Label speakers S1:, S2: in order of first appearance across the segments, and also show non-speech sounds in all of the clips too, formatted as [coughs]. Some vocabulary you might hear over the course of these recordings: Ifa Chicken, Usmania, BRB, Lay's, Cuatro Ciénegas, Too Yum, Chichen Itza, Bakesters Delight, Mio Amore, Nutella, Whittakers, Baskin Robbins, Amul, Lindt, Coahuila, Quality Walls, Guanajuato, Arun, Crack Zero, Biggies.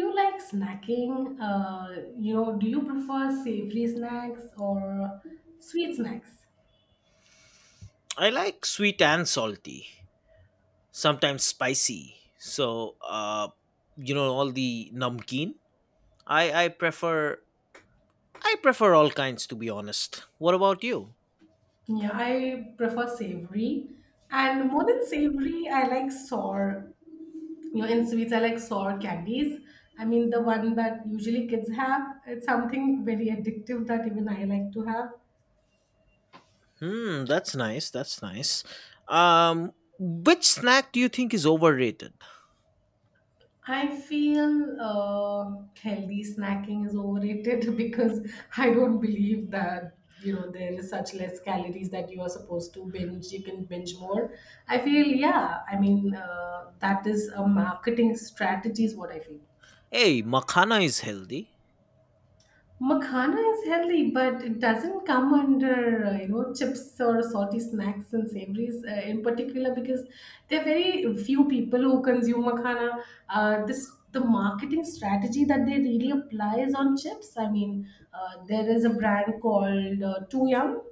S1: Do you like snacking? Do you prefer savory snacks or sweet snacks?
S2: I like sweet and salty, sometimes spicy. So, all the namkeen. I I prefer I prefer all kinds to be honest. What about you?
S1: Yeah, I prefer savory. And more than savory, I like sour. In sweets, I like sour candies. I mean, the one that usually kids have. It's something very addictive that even I like to have.
S2: Hmm, that's nice. That's nice. Um, which snack do you think is overrated?
S1: I feel healthy snacking is overrated [laughs] because I don't believe that there is such less calories that you are supposed to binge. You can binge more. I feel, yeah. I mean that is a marketing strategy is what I feel.
S2: Hey, makhana is healthy.
S1: Makhana is healthy, but it doesn't come under chips or salty snacks and savories in particular because there are very few people who consume makhana. This the marketing strategy that they really apply is on chips. I mean, there is a brand called Too Yum.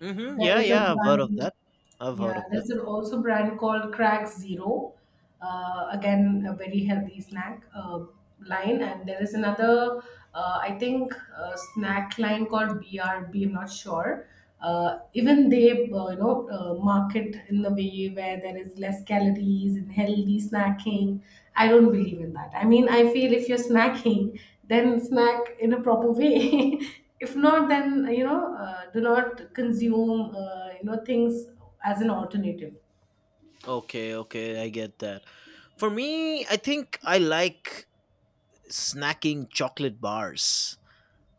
S2: Mm-hmm.
S1: There
S2: Yeah,
S1: is a
S2: yeah, I've heard of
S1: brand.
S2: that. I've heard
S1: Yeah,
S2: of that.
S1: there's also a brand called Crack Zero. Again, a very healthy snack line. And there is another, I think, snack line called BRB. I'm not sure. Even they, market in the way where there is less calories and healthy snacking. I don't believe in that. I mean, I feel if you're snacking, then snack in a proper way. [laughs] If not, then do not consume, things as an alternative.
S2: Okay, okay, I get that. For me, I think I like snacking chocolate bars.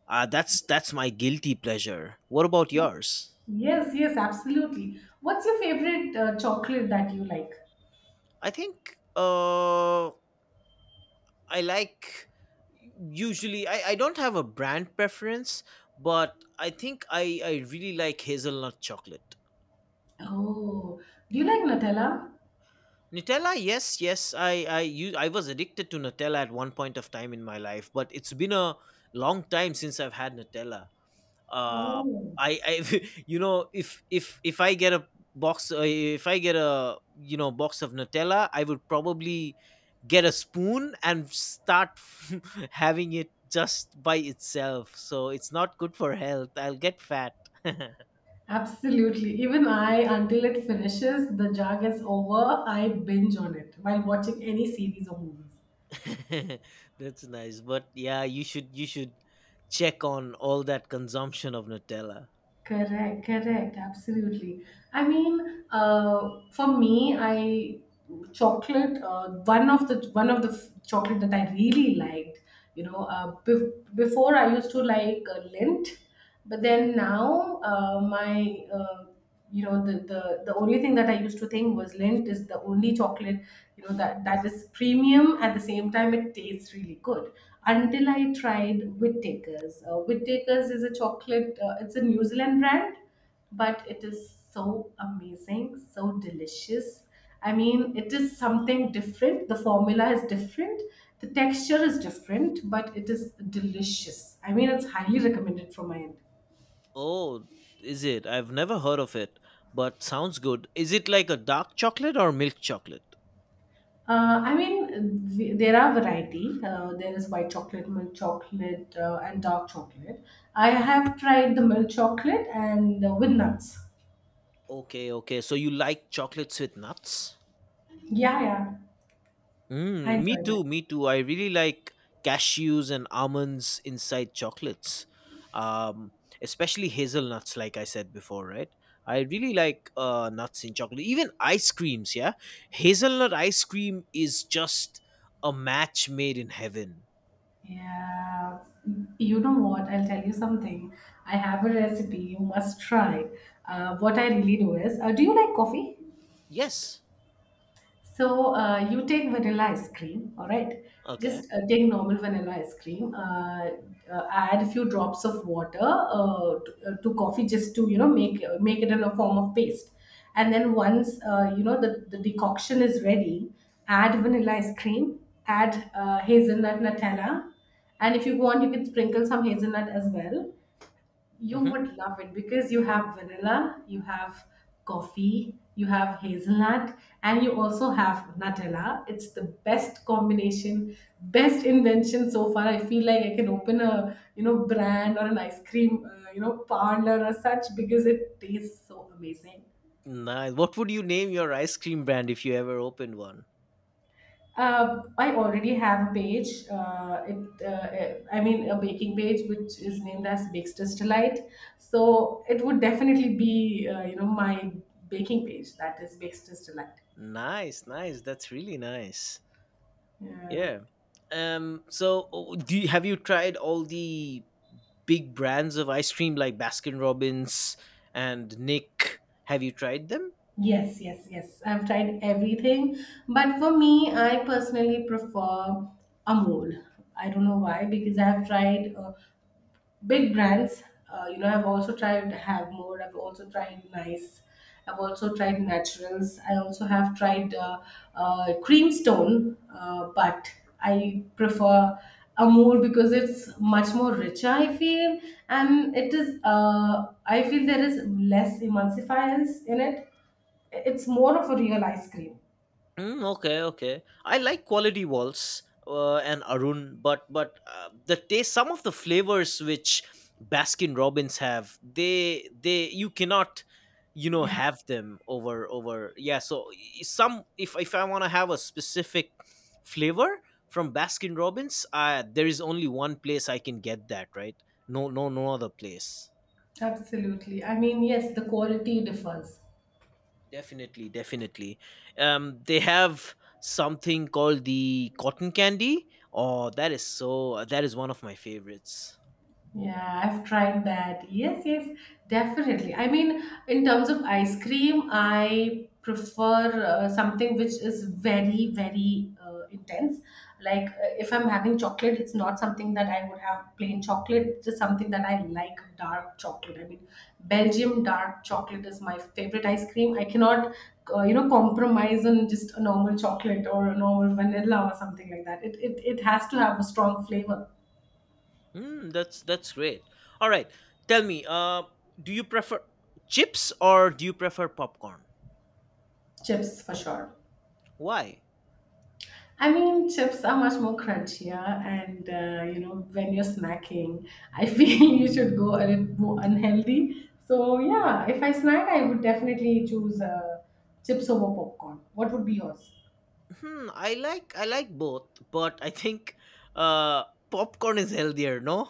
S2: That's my guilty pleasure. What about yours?
S1: Yes, yes, absolutely. What's your favorite chocolate that you like?
S2: I think I like usually I don't have a brand preference, but I think I really like hazelnut chocolate.
S1: Oh, do you like Nutella?
S2: Nutella, yes, yes. I was addicted to Nutella at one point of time in my life, but it's been a long time since I've had Nutella. Uh
S1: Oh,
S2: I [laughs] If I get a box if I get a you know box of nutella I would probably get a spoon and start [laughs] having it just by itself, so it's not good for health, I'll get fat [laughs]
S1: absolutely. Even I, until it finishes, the jar gets over, I binge on it while watching any series or movies.
S2: that's nice, but yeah, you should check on all that consumption of nutella.
S1: Correct, correct, absolutely. I mean, for me, I chocolate. One of the chocolate that I really liked. Before I used to like Lindt, but then now my you know the only thing that I used to think was Lindt is the only chocolate that is premium at the same time it tastes really good until I tried Whittakers. Whittakers is a chocolate, it's a New Zealand brand, but it is so amazing, so delicious. I mean it is something different. The formula is different, the texture is different, but it is delicious. I mean it's highly recommended from my end.
S2: Oh, is it? I've never heard of it, but sounds good. Is it like a dark chocolate or milk chocolate?
S1: I mean, there are variety. There is white chocolate, milk chocolate, and dark chocolate. I have tried the milk chocolate and with nuts.
S2: Okay, okay. So you like chocolates with nuts?
S1: Yeah, yeah, I
S2: Mm, me
S1: enjoy that.
S2: too, me too. I really like cashews and almonds inside chocolates, um, especially hazelnuts, like I said before, right? I really like nuts in chocolate, even ice creams. Yeah, hazelnut ice cream is just a match made in heaven.
S1: Yeah, you know what? I'll tell you something. I have a recipe you must try. What I really do is, do you like coffee?
S2: Yes.
S1: So you take vanilla ice cream, all right?
S2: Okay.
S1: Just take normal vanilla ice cream. Add a few drops of water to coffee, just to make make it in a form of paste. And then once the decoction is ready, add vanilla ice cream, add hazelnut Nutella, and if you want, you can sprinkle some hazelnut as well. You
S2: Hmm.
S1: would love it because you have vanilla, you have coffee, you have hazelnut, and you also have Nutella. It's the best combination, best invention so far. I feel like I can open a brand or an ice cream parlor or such because it tastes so amazing.
S2: Nice. What would you name your ice cream brand if you ever opened one?
S1: I already have a page. I mean, a baking page which is named as Bakesters Delight. So it would definitely be, my baking page, that is Bakesters Delight.
S2: Nice, nice. That's really nice.
S1: Yeah.
S2: Yeah. Do you, have you tried all the big brands of ice cream like Baskin Robbins and Nick? Have you tried them?
S1: Yes, yes, yes. I've tried everything, but for me, I personally prefer Amul. I don't know why because I've tried big brands, I've also tried Have More, I've also tried Nice, I've also tried Naturals, I also have tried Creamstone, but I prefer Amul because it's much more richer, I feel. And it is, I feel, there is less emulsifiers in it. It's more of a real ice cream.
S2: Mm, okay, okay. I like quality walls and Arun, but the taste, some of the flavors which Baskin Robbins have, they you cannot, you know,
S1: Yeah,
S2: have them over. Yeah, so I- some if I want to have a specific flavor from Baskin Robbins, there is only one place I can get that, right? No, no, no other place.
S1: absolutely. I mean, yes, the quality differs.
S2: Definitely, definitely. They have something called the cotton candy. Oh, that is so. That is one of my favorites.
S1: Yeah, I've tried that. Yes, yes, definitely. I mean, in terms of ice cream, I prefer something which is very, very intense. Like if I'm having chocolate, it's not something that I would have plain chocolate. It's just something that I like dark chocolate. I mean, Belgium dark chocolate is my favorite ice cream. I cannot, compromise on just a normal chocolate or a normal vanilla or something like that. It has to have a strong flavor.
S2: Mm, that's great. All right, tell me. Do you prefer chips or do you prefer popcorn?
S1: Chips for sure.
S2: Why?
S1: I mean, chips are much more crunchier, and when you're snacking, I [laughs] feel you should go a little more unhealthy. So yeah, if I snack, I would definitely choose chips over popcorn. What would be yours?
S2: Hmm, I like both, but I think uh popcorn is healthier. No.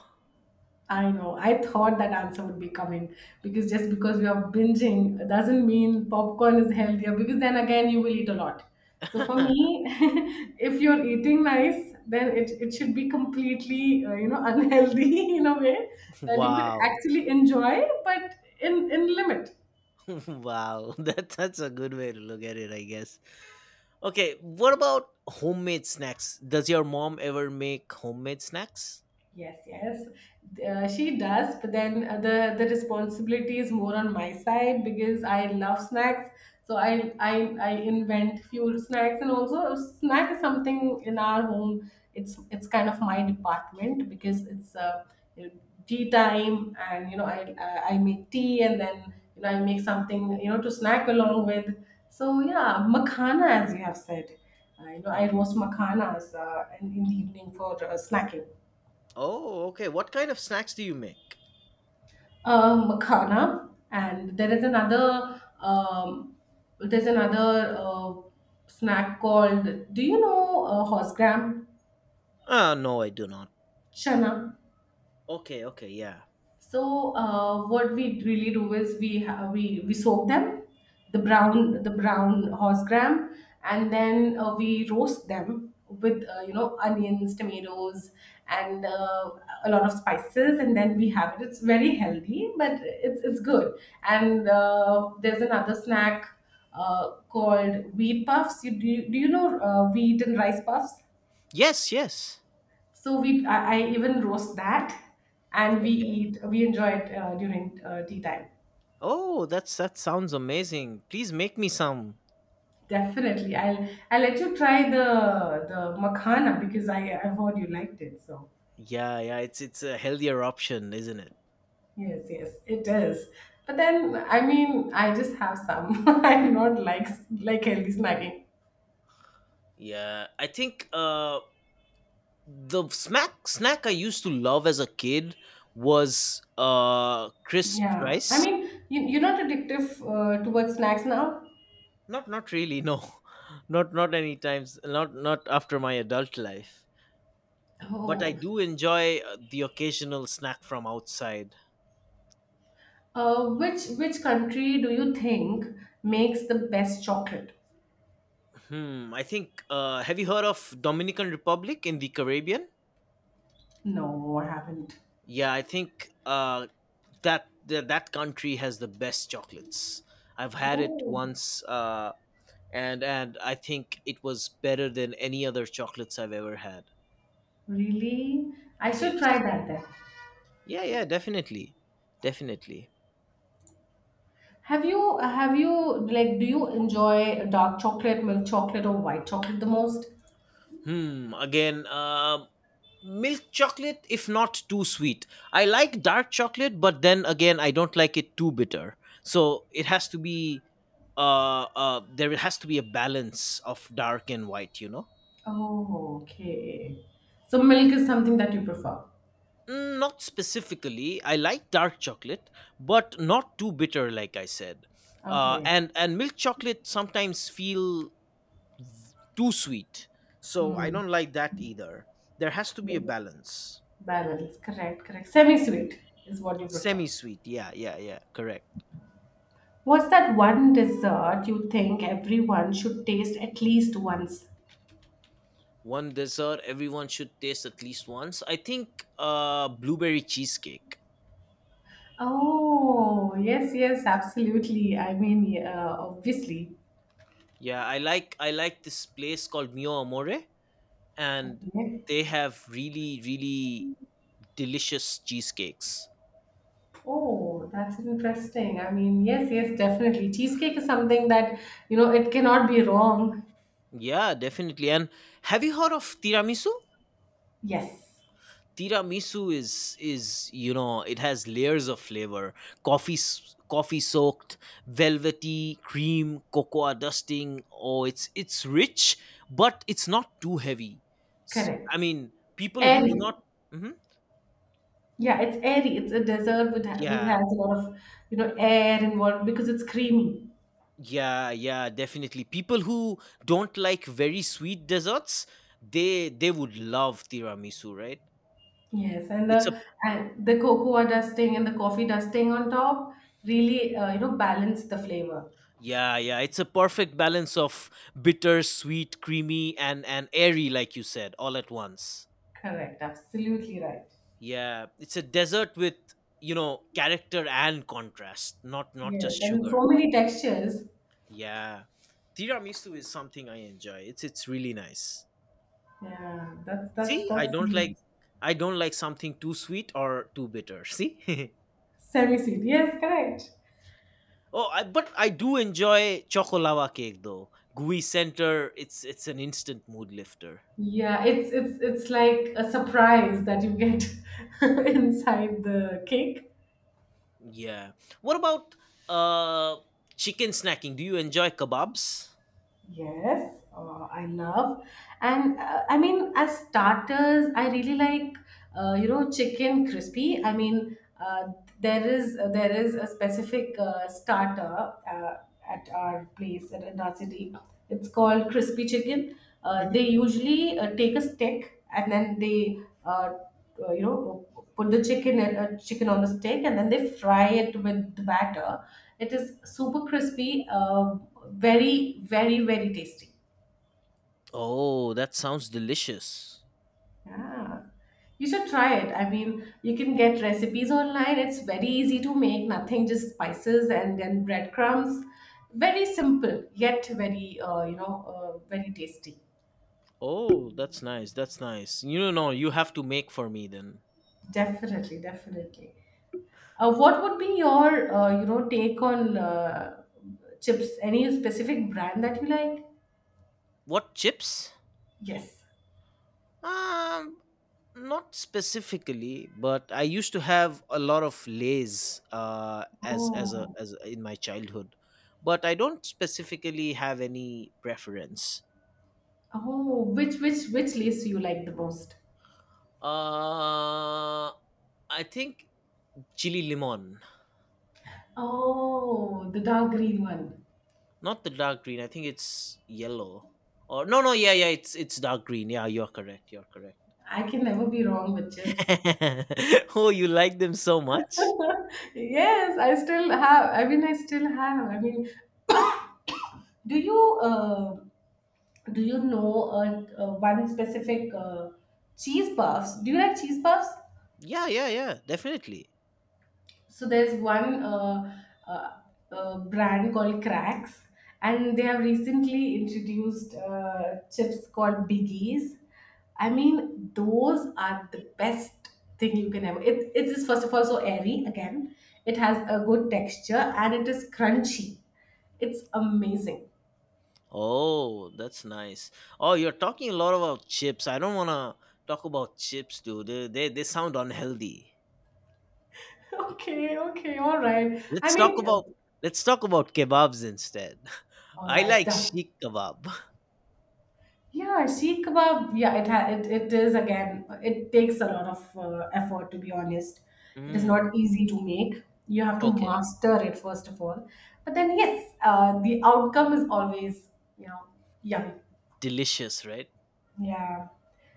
S1: I know. I thought that answer would be coming because just because we are binging doesn't mean popcorn is healthier because then again you will eat a lot. So for
S2: [laughs]
S1: me, [laughs] if you're eating nice, then it should be completely [laughs] unhealthy in a way that you could
S2: Wow.
S1: actually enjoy, but in limit.
S2: [laughs] Wow, that's a good way to look at it, I guess. Okay, what about homemade snacks? Does your mom ever make homemade snacks?
S1: Yes, yes, she does. But then the responsibility is more on my side because I love snacks. So I invent few snacks, and also snack is something in our home. It's kind of my department because it's you know, tea time, and I make tea, and then I make something to snack along with. So yeah, makhana, as you have said, I
S2: Mhm.
S1: roast makhanas in the evening for snacking.
S2: Oh, okay. What kind of snacks do you make?
S1: Makhana, and there is another there's another snack called. Do you know horse gram
S2: No, I do not.
S1: chana?
S2: Okay, okay, yeah.
S1: So what we really do is we ha- we soak them, the brown horse gram, and then we roast them with onions, tomatoes, and a lot of spices, and then we have it. It's very healthy, but it's good. And there's another snack called wheat puffs. Do you know wheat and rice puffs?
S2: Yes, yes.
S1: So I even roast that, and we
S2: Okay.
S1: eat. We enjoy it during tea time.
S2: Oh, that's that sounds amazing. Please make me some.
S1: Definitely, I'll let you try the makhana because I've heard you liked it. So
S2: Yeah, yeah, it's a healthier option, isn't it?
S1: yes, yes, it is. But then I mean, I just have some. [laughs] I do not like healthy snacking.
S2: Yeah, I think the snack I used to love as a kid was crisp
S1: Yeah, I
S2: rice.
S1: mean, you're not addictive towards snacks now.
S2: Not not really, no. [laughs] Not not any times, not not after my adult life. But I
S1: Oh,
S2: do enjoy the occasional snack from outside.
S1: which country do you think makes the best chocolate?
S2: Hmm, I think have you heard of Dominican Republic in the Caribbean?
S1: No, I haven't.
S2: Yeah, I think that country has the best chocolates. I've had it
S1: Oh,
S2: once and I think it was better than any other chocolates I've ever had.
S1: really? I should try
S2: Yes.
S1: that then.
S2: Yeah, yeah, definitely. Definitely.
S1: Have you like do you enjoy dark chocolate, milk chocolate, or white chocolate the most?
S2: Hmm. Again, milk chocolate if not too sweet. I like dark chocolate, but then again I don't like it too bitter, so it has to be there has to be a balance of dark and white, you know.
S1: Oh, okay. So milk is something that you prefer.
S2: Mm, not specifically. I like dark chocolate, but not too bitter, like I said.
S1: Okay.
S2: And milk chocolate sometimes feel too sweet, so I
S1: Hmm.
S2: don't like that either. There has to be a balance.
S1: Balance. Correct, correct. Semi-sweet is what you prefer.
S2: Semi sweet, yeah, yeah, yeah, correct.
S1: What's that one dessert you think everyone should taste at least once?
S2: One dessert everyone should taste at least once. I think blueberry cheesecake.
S1: Oh, yes, yes, absolutely. I mean, yeah, obviously.
S2: Yeah, I like this place called Mio Amore, and they have really delicious cheesecakes.
S1: Oh, that's interesting. I mean, yes, yes, definitely. Cheesecake is something that, it cannot be wrong.
S2: Yeah, definitely. And have you heard of tiramisu?
S1: Yes,
S2: Tiramisu is you know it has layers of flavor, coffee soaked velvety cream, cocoa dusting. Oh, it's rich, but it's not too heavy. I
S1: correct.
S2: mean, people who do
S1: Airy.
S2: not. Mhm.
S1: Yeah, it's airy. It's a dessert with which
S2: Yeah,
S1: has a lot of, air involved because it's creamy.
S2: yeah, yeah, definitely, people who don't like very sweet desserts, they would love tiramisu, right?
S1: Yes, and
S2: It's a
S1: the and the cocoa dusting and the coffee dusting on top really, balance the flavor.
S2: yeah, yeah, it's a perfect balance of bitter, sweet, creamy, and airy, like you said, all at once.
S1: Correct. Absolutely right.
S2: Yeah, it's a dessert with, you know, character and contrast, not just
S1: Yes, and
S2: sugar.
S1: so many textures.
S2: Yeah, tiramisu is something I enjoy. It's really nice.
S1: Yeah,
S2: See, I
S1: that's
S2: don't
S1: semi
S2: like
S1: sweet.
S2: I don't like something too sweet or too bitter. See. [laughs]
S1: Semi-sweet. Yes, correct.
S2: Oh, I, but I do enjoy chocolava cake though. Gooey center, it's an instant mood lifter.
S1: Yeah, it's like a surprise that you get [laughs] inside the cake.
S2: Yeah. What about uh chicken snacking? Do you enjoy kebabs?
S1: Yes, I love, and I mean as starters, I really like chicken crispy. I mean uh, there is a specific starter at our place at in our city. It's called crispy chicken.
S2: Hmm.
S1: They usually take a stick, and then they uh, put the chicken on the stick, and then they fry it with the batter. It is super crispy, very very very tasty.
S2: Oh, that sounds delicious.
S1: Yeah, you should try it. I mean, you can get recipes online. It's very easy to make. Nothing, just spices and then breadcrumbs. Very simple yet very very tasty.
S2: Oh, that's nice. That's nice. You know, no, you have to make for me then.
S1: Definitely, definitely. What would be your take on chips? Any specific brand that you like?
S2: What chips?
S1: Yes.
S2: Um, not specifically, but I used to have a lot of Lay's uh, as as a
S1: Oh,
S2: as a- in my childhood, but I don't specifically have any preference.
S1: oh, which lace you like the most?
S2: Uh, I think chili limon.
S1: Oh, the dark green one.
S2: Not the dark green. I think it's yellow. Or no, no, yeah, yeah, it's dark green. Yeah, you're correct. You're correct.
S1: I can never be wrong with chips.
S2: [laughs] Oh, you like them so much?
S1: [laughs] Yes, I still have. I mean, I still have. I mean, [coughs] do you uh, do you know one specific cheese puffs? Do you like cheese puffs?
S2: Yeah, yeah, yeah, definitely.
S1: So there's one brand called Cracks, and they have recently introduced chips called Biggies. I mean, those are the best thing you can ever. It is, first of all, so airy again. It has a good texture and it is crunchy. It's amazing. [laughs]
S2: Oh, that's nice. Oh, you're talking a lot about chips. I don't want to talk about chips, dude. They sound unhealthy.
S1: Okay, okay, all right. I
S2: Let's talk
S1: mean,
S2: about let's talk about kebabs instead. [laughs]
S1: all
S2: I
S1: right,
S2: like
S1: done.
S2: sheik kebab.
S1: Yeah, sheikh kebab. Yeah, it is again. It takes a lot of effort, to be honest. It is
S2: Mm,
S1: not easy to make. You have to
S2: okay,
S1: master it, first of all. But then yes, the outcome is always you know yummy.
S2: delicious, right?
S1: Yeah,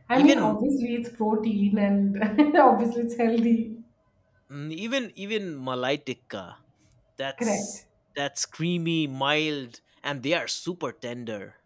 S1: I mean,
S2: Even
S1: obviously it's protein and [laughs] obviously it's healthy.
S2: mm, even Malai tikka.
S1: Correct.
S2: That's that's creamy, mild, and they are super tender.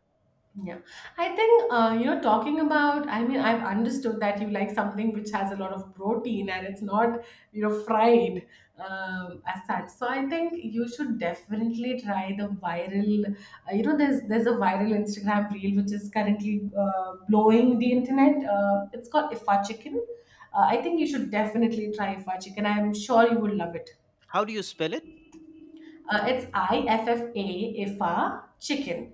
S1: Yeah, I think, you know, talking about. I mean, I've understood that you like something which has a lot of protein and it's not fried, as such. So I think you should definitely try the viral. There's a viral Instagram reel which is currently blowing the internet. It's called Ifa Chicken. I think you should definitely try Ifa Chicken. I'm sure you would love it.
S2: How do you spell it?
S1: It's IFFA chicken.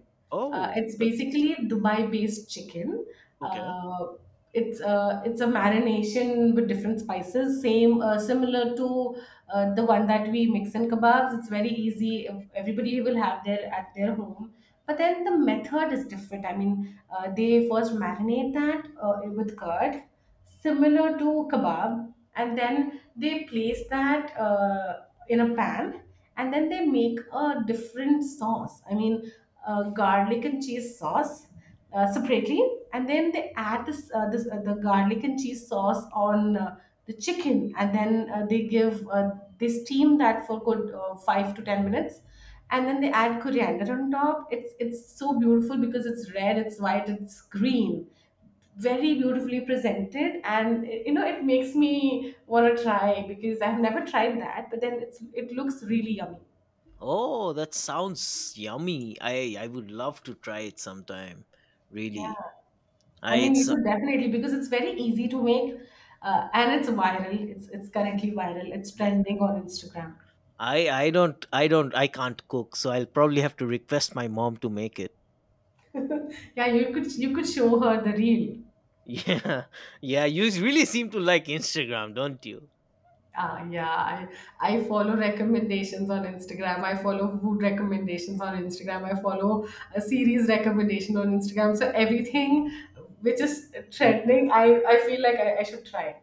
S2: Oh,
S1: It's
S2: that's
S1: basically Dubai-based chicken.
S2: okay.
S1: Uh, it's a marination with different spices, same similar to the one that we mix in kebabs. It's very easy. Everybody will have their at their home. But then the method is different. I mean, they first marinate that with curd, similar to kebab, and then they place that in a pan, and then they make a different sauce. I mean, garlic and cheese sauce separately, and then they add this, this the garlic and cheese sauce on the chicken, and then they give they steam that for good 5 to 10 minutes, and then they add coriander on top. It's so beautiful because it's red, it's white, it's green, very beautifully presented, and it makes me want to try because I've never tried that. But then it looks really yummy.
S2: Oh, that sounds yummy. I would love to try it sometime.
S1: Yeah,
S2: Really. I
S1: I mean, you
S2: it's
S1: should definitely because it's very easy to make, and it's viral. It's currently viral. It's trending on Instagram.
S2: I don't, I can't cook, so I'll probably have to request my mom to make it. [laughs]
S1: [laughs] Yeah, you could show her the reel.
S2: Yeah. Yeah, you really seem to like Instagram, don't you?
S1: Yeah, I follow recommendations on Instagram. I follow food recommendations on Instagram. I follow a series recommendation on Instagram. So everything which is trending, I feel like I should try.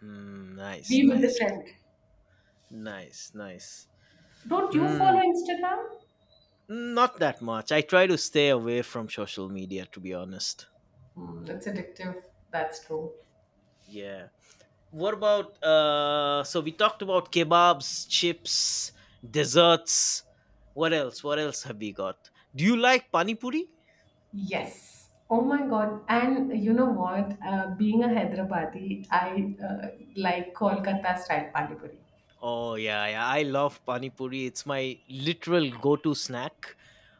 S2: Hmm, nice,
S1: Be with the
S2: nice.
S1: trend.
S2: Nice, nice.
S1: Don't you
S2: Hmm.
S1: follow Instagram?
S2: Not that much. I try to stay away from social media, to be honest.
S1: Mm, it's addictive. That's true.
S2: Yeah. What about so we talked about kebabs, chips, desserts. What else? What else have we got? Do you like pani puri?
S1: Yes. Oh my God. And you know what? Being a Hyderabadi, I like Kolkata style pani puri.
S2: Oh yeah, yeah. I love pani puri. It's my literal go-to snack.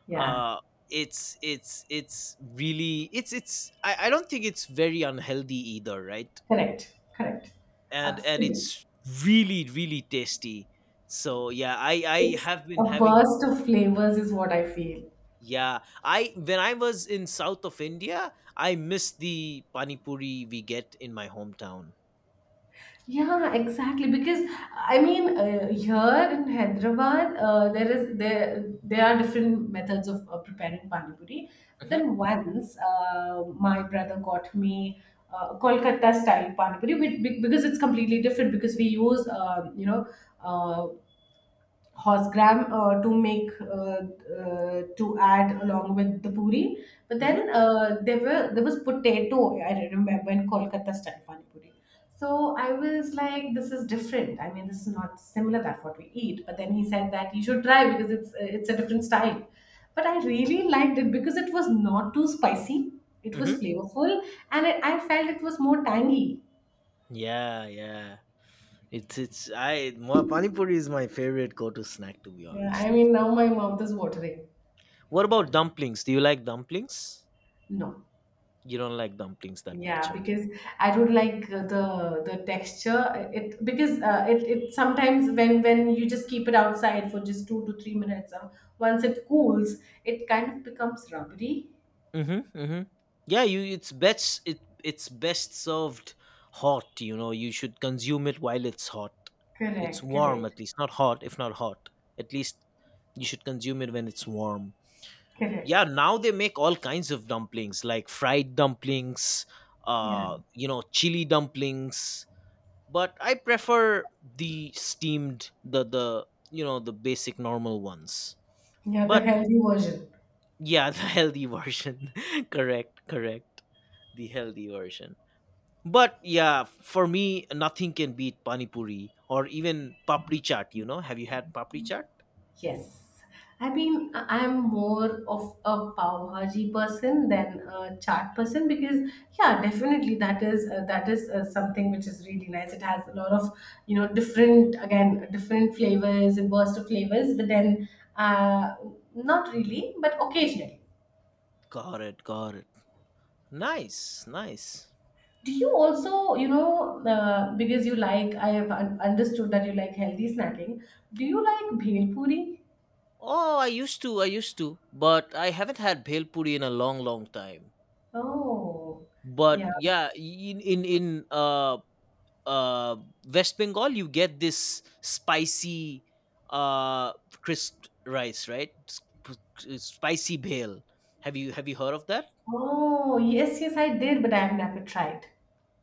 S1: Yeah,
S2: Uh it's it's really it's I don't think it's very unhealthy either, right?
S1: correct. Correct.
S2: And
S1: Absolutely.
S2: it's really really tasty, so yeah, i
S1: It's
S2: have been
S1: a
S2: having.
S1: burst of flavors, is what I feel.
S2: Yeah, I when I was in south of india I missed the pani puri we get in my hometown.
S1: Yeah, exactly. Because I mean, here in Hyderabad, there is there there are different methods of preparing pani puri. But
S2: Hmm.
S1: then once, my brother got me Kolkata style pani puri, which, because it's completely different. Because we use uh, horsegram to make, to add along with the puri. But
S2: Hmm.
S1: then there was potato, I remember, in Kolkata style pani puri. So I was like, this is different. I mean, this is not similar that what we eat. But then he said that you should try because it's a different style. But I really liked it because it was not too spicy. It was
S2: Hmm,
S1: flavorful, and I felt it was more tangy.
S2: yeah, yeah, it's I my pani puri is my favorite go-to snack, to be
S1: Yeah,
S2: honest.
S1: I mean, now my mouth is watering.
S2: What about dumplings? Do you like dumplings?
S1: No.
S2: You don't like dumplings that much,
S1: Yeah,
S2: okay.
S1: because I don't like the texture. It because it sometimes, when you just keep it outside for just 2 to 3 minutes, once it cools, it kind of becomes rubbery.
S2: Mm-hmm, mm-hmm. Yeah, you it's best it it's best served hot, you know. You should consume it while it's hot. It's
S1: Correct,
S2: warm
S1: correct,
S2: at least, not hot, if not hot. At least you should consume it when it's warm.
S1: correct.
S2: Yeah, now they make all kinds of dumplings like fried dumplings,
S1: Yeah,
S2: you know, chili dumplings, but I prefer the steamed the you know, the basic normal ones.
S1: yeah, the
S2: But
S1: healthy version.
S2: yeah, [laughs] the healthy version. [laughs] Correct, correct, the healthy version. But yeah, for me, nothing can beat pani puri or even papri chaat. You know, have you had papri chaat?
S1: Yes. I mean, I'm more of a pav bhaji person than a chaat person because, yeah, definitely that is, something which is really nice. It has a lot of, different, again different flavors and burst of flavors, but then, uh, not really, but occasionally.
S2: Got it, got it. Nice, nice.
S1: Do you also, because you like I have understood that you like healthy snacking. Do you like bhel puri?
S2: Oh, I used to, but I haven't had bhel puri in a long, long time.
S1: Oh,
S2: But
S1: yeah.
S2: yeah, in uh West Bengal, you get this spicy uh crisp rice, right? Spicy bhel. Have you heard of that?
S1: Oh, yes, yes, I did, but I've never tried.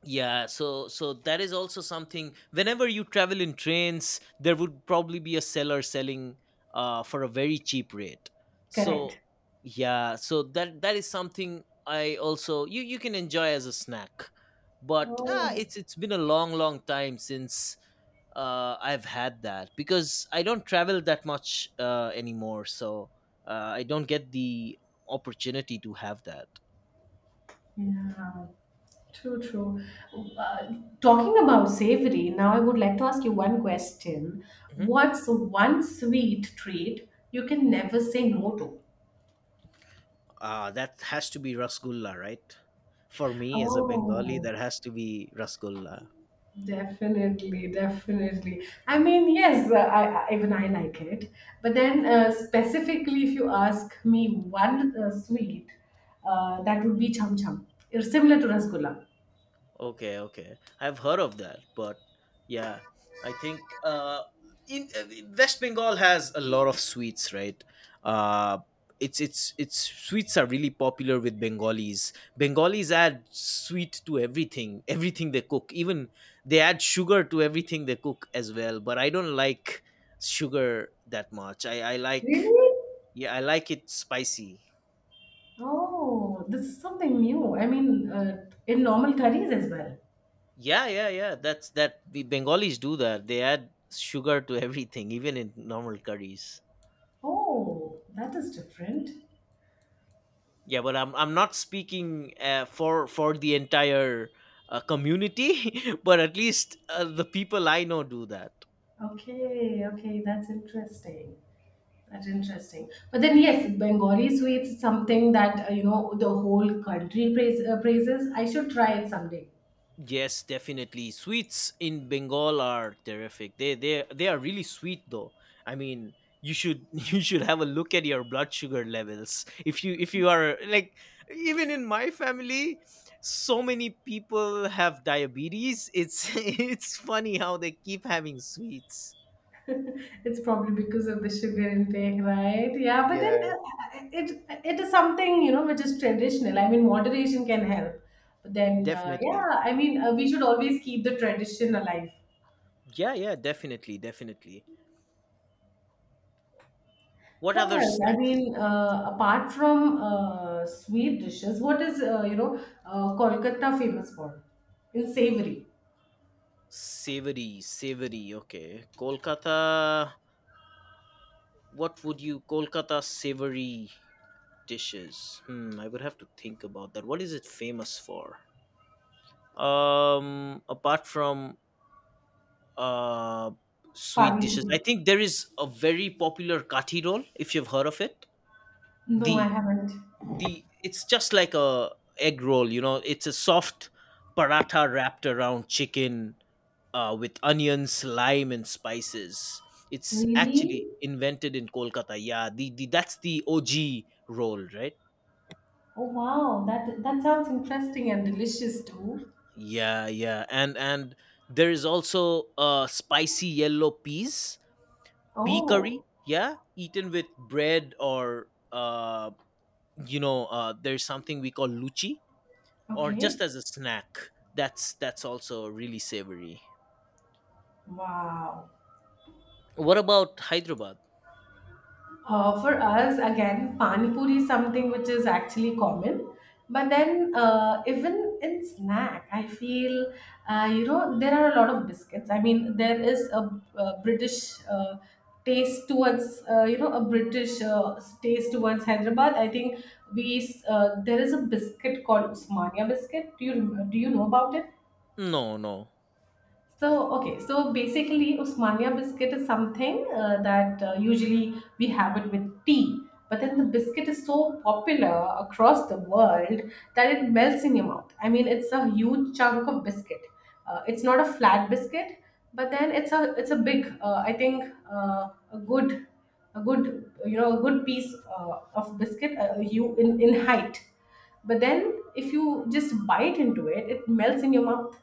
S2: Yeah, so so that is also something. Whenever you travel in trains, there would probably be a seller selling for a very cheap rate. So
S1: Correct.
S2: yeah, so that that is something I also you can enjoy as a snack. But
S1: Oh,
S2: it's been a long long time since I've had that because I don't travel that much anymore, so I don't get the opportunity to have that.
S1: yeah. True, true. Uh, Talking about savory, now I would like to ask you one question. What's one sweet treat you can never say no to?
S2: Ah, that has to be Rasgulla, right? For me as a Bengali,
S1: Oh,
S2: that has to be Rasgulla.
S1: definitely, definitely. I mean, yes, even I like it. But then, specifically, if you ask me one sweet, that would be cham cham. It's similar to rasgulla.
S2: Okay, okay. I've heard of that, but yeah, I think in West Bengal has a lot of sweets, right? Uh, it's sweets are really popular with Bengalis. Bengalis add sweet to everything, everything they cook. Even they add sugar to everything they cook as well. But I don't like sugar that much. I like
S1: Really?
S2: Yeah, I like it spicy.
S1: Oh, this is something new. I mean, in normal curries as well.
S2: Yeah, yeah, yeah. That's that the Bengalis do that. They add sugar to [laughs] everything, even in normal curries.
S1: Oh, that is different.
S2: Yeah, but I'm not speaking for the entire community, [laughs] but at least the people I know do that.
S1: Okay, okay, that's interesting. That's interesting. But then, yes, Bengali sweets is something that, the whole country praises. I should try it someday.
S2: Yes, definitely. Sweets in Bengal are terrific. They are really sweet though. I mean, you should [laughs] you should have a look at your blood sugar levels. If you are like even in my family, so many people have diabetes. It's [laughs] it's funny how they keep having sweets.
S1: It's probably because of the sugar intake, right? Yeah, but then,
S2: Yeah.
S1: it is something which is traditional. I mean, moderation can help. But then,
S2: Definitely.
S1: yeah, I mean, we should always keep the tradition alive.
S2: Yeah, yeah, definitely, definitely. What
S1: What
S2: other
S1: else? I
S2: snacks?
S1: mean, apart from sweet dishes, what is Kolkata famous for? In savory,
S2: Savory, savory. Okay. Kolkata savory dishes? Hmm, I would have to think about that. What is it famous for? Apart from uh sweet
S1: pani
S2: dishes, I
S1: puri.
S2: think there is a very popular kathi roll. If you've heard of it,
S1: No, I
S2: the
S1: haven't.
S2: the it's just like a egg roll, you know, it's a soft paratha wrapped around chicken, with onions, lime, and spices. It's
S1: Really?
S2: actually invented in kolkata, yeah, the that's the og roll, right?
S1: Oh wow, that sounds interesting and delicious too.
S2: Yeah, yeah, and there is also spicy yellow peas pea curry,
S1: Oh,
S2: yeah, eaten with bread or there's something we call luchi or just
S1: okay.
S2: as a snack. That's also really savory.
S1: Wow.
S2: What about Hyderabad?
S1: For us, again, pani puri is something which is actually common. But then, even in snack, I feel, there are a lot of biscuits. I mean, there is a, British taste towards, a British taste towards Hyderabad. I think there is a biscuit called Usmania biscuit. Do you know about it?
S2: No, no, I
S1: So,
S2: do not.
S1: okay, so basically, Usmania biscuit is something that usually we have it with tea. But then the biscuit is so popular across the world that it melts in your mouth. I mean, it's a huge chunk of biscuit. It's not a flat biscuit, but then it's a big. I think, a good, a good piece of biscuit, you, in height. But then if you just bite into it, it melts in your mouth.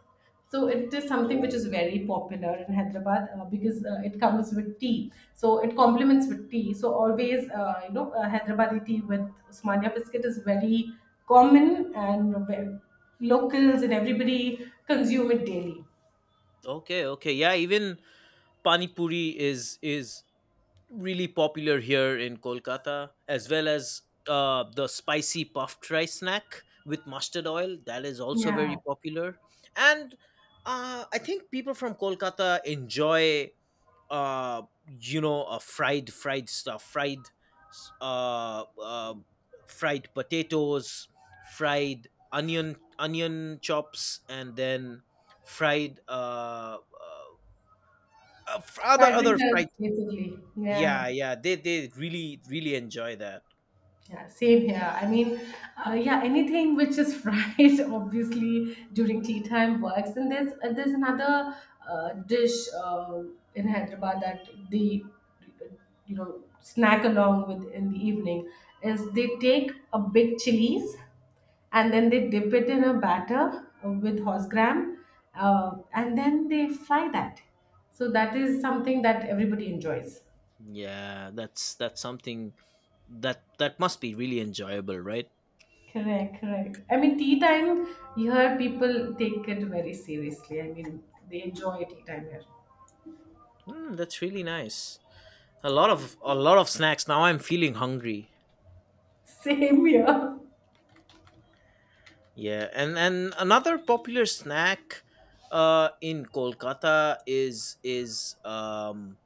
S1: So it is something which is
S2: Oh,
S1: very popular in Hyderabad, because it comes with tea, so it complements with tea. So always, Hyderabadi tea with Usmania biscuit is very common, and locals and everybody consume it daily.
S2: okay, okay, yeah. Even pani puri is really popular here in Kolkata, as well as the spicy puffed rice snack with mustard oil. That is also
S1: Yeah,
S2: very popular, and I think people from Kolkata enjoy uh fried stuff, s- uh, uh fried potatoes, fried onion chops, and then fried f- other
S1: fried
S2: other
S1: fritters,
S2: fried.
S1: basically. Yeah.
S2: Yeah, yeah, they really really enjoy that.
S1: Yeah, same here. I mean, yeah, anything which is fried, [laughs] obviously, during tea time, works. And there's, there's another dish uh, in Hyderabad that they snack along with in the evening, is they take a big chilies, and then they dip it in a batter with horse gram, and then they fry that. So that is something that everybody enjoys.
S2: Yeah, that's something that that must be really enjoyable, right?
S1: Correct, correct. I mean, tea time here, people take it very seriously. I mean, they enjoy tea time here.
S2: Mm, that's really nice, a lot of snacks. Now I'm feeling hungry.
S1: [laughs] Same here.
S2: Yeah, and another popular snack in Kolkata is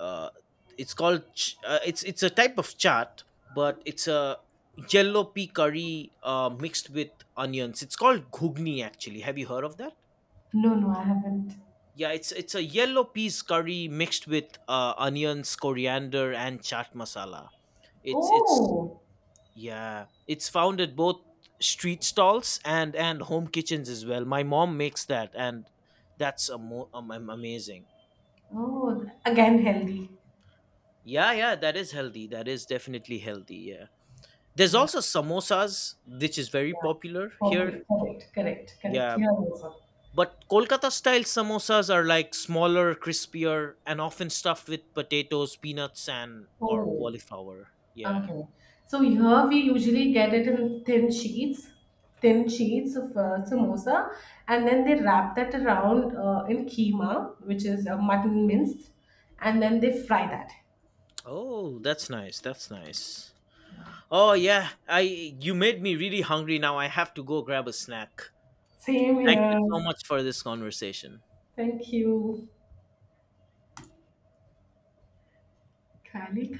S2: uh, it's called it's a type of chaat, but it's a yellow pea curry mixed with onions. It's called ghugni. Actually, have you heard of that?
S1: No, no, I haven't.
S2: Yeah, it's a yellow peas curry mixed with onions, coriander, and chaat masala. It's
S1: Oh,
S2: yeah, it's found at both street stalls and home kitchens as well. My mom makes that, and amazing.
S1: oh, again healthy.
S2: Yeah, yeah, that is healthy. That is definitely healthy. Yeah, there's
S1: Yeah.
S2: also samosas, which is very
S1: Yeah,
S2: popular here.
S1: popular. Correct, correct, correct.
S2: Yeah,
S1: Here also.
S2: but Kolkata style samosas are like smaller, crispier, and often stuffed with potatoes, peanuts, and or
S1: Oh.
S2: cauliflower. Yeah.
S1: Okay. So here we usually get it in thin sheets, of samosa, and then they wrap that around in keema, which is mutton minced, and then they fry that.
S2: Oh, that's nice. That's nice. Oh yeah, I you made me really hungry now. I have to go grab a snack.
S1: Same
S2: Thank you
S1: here.
S2: so much for this conversation.
S1: Thank you. Kali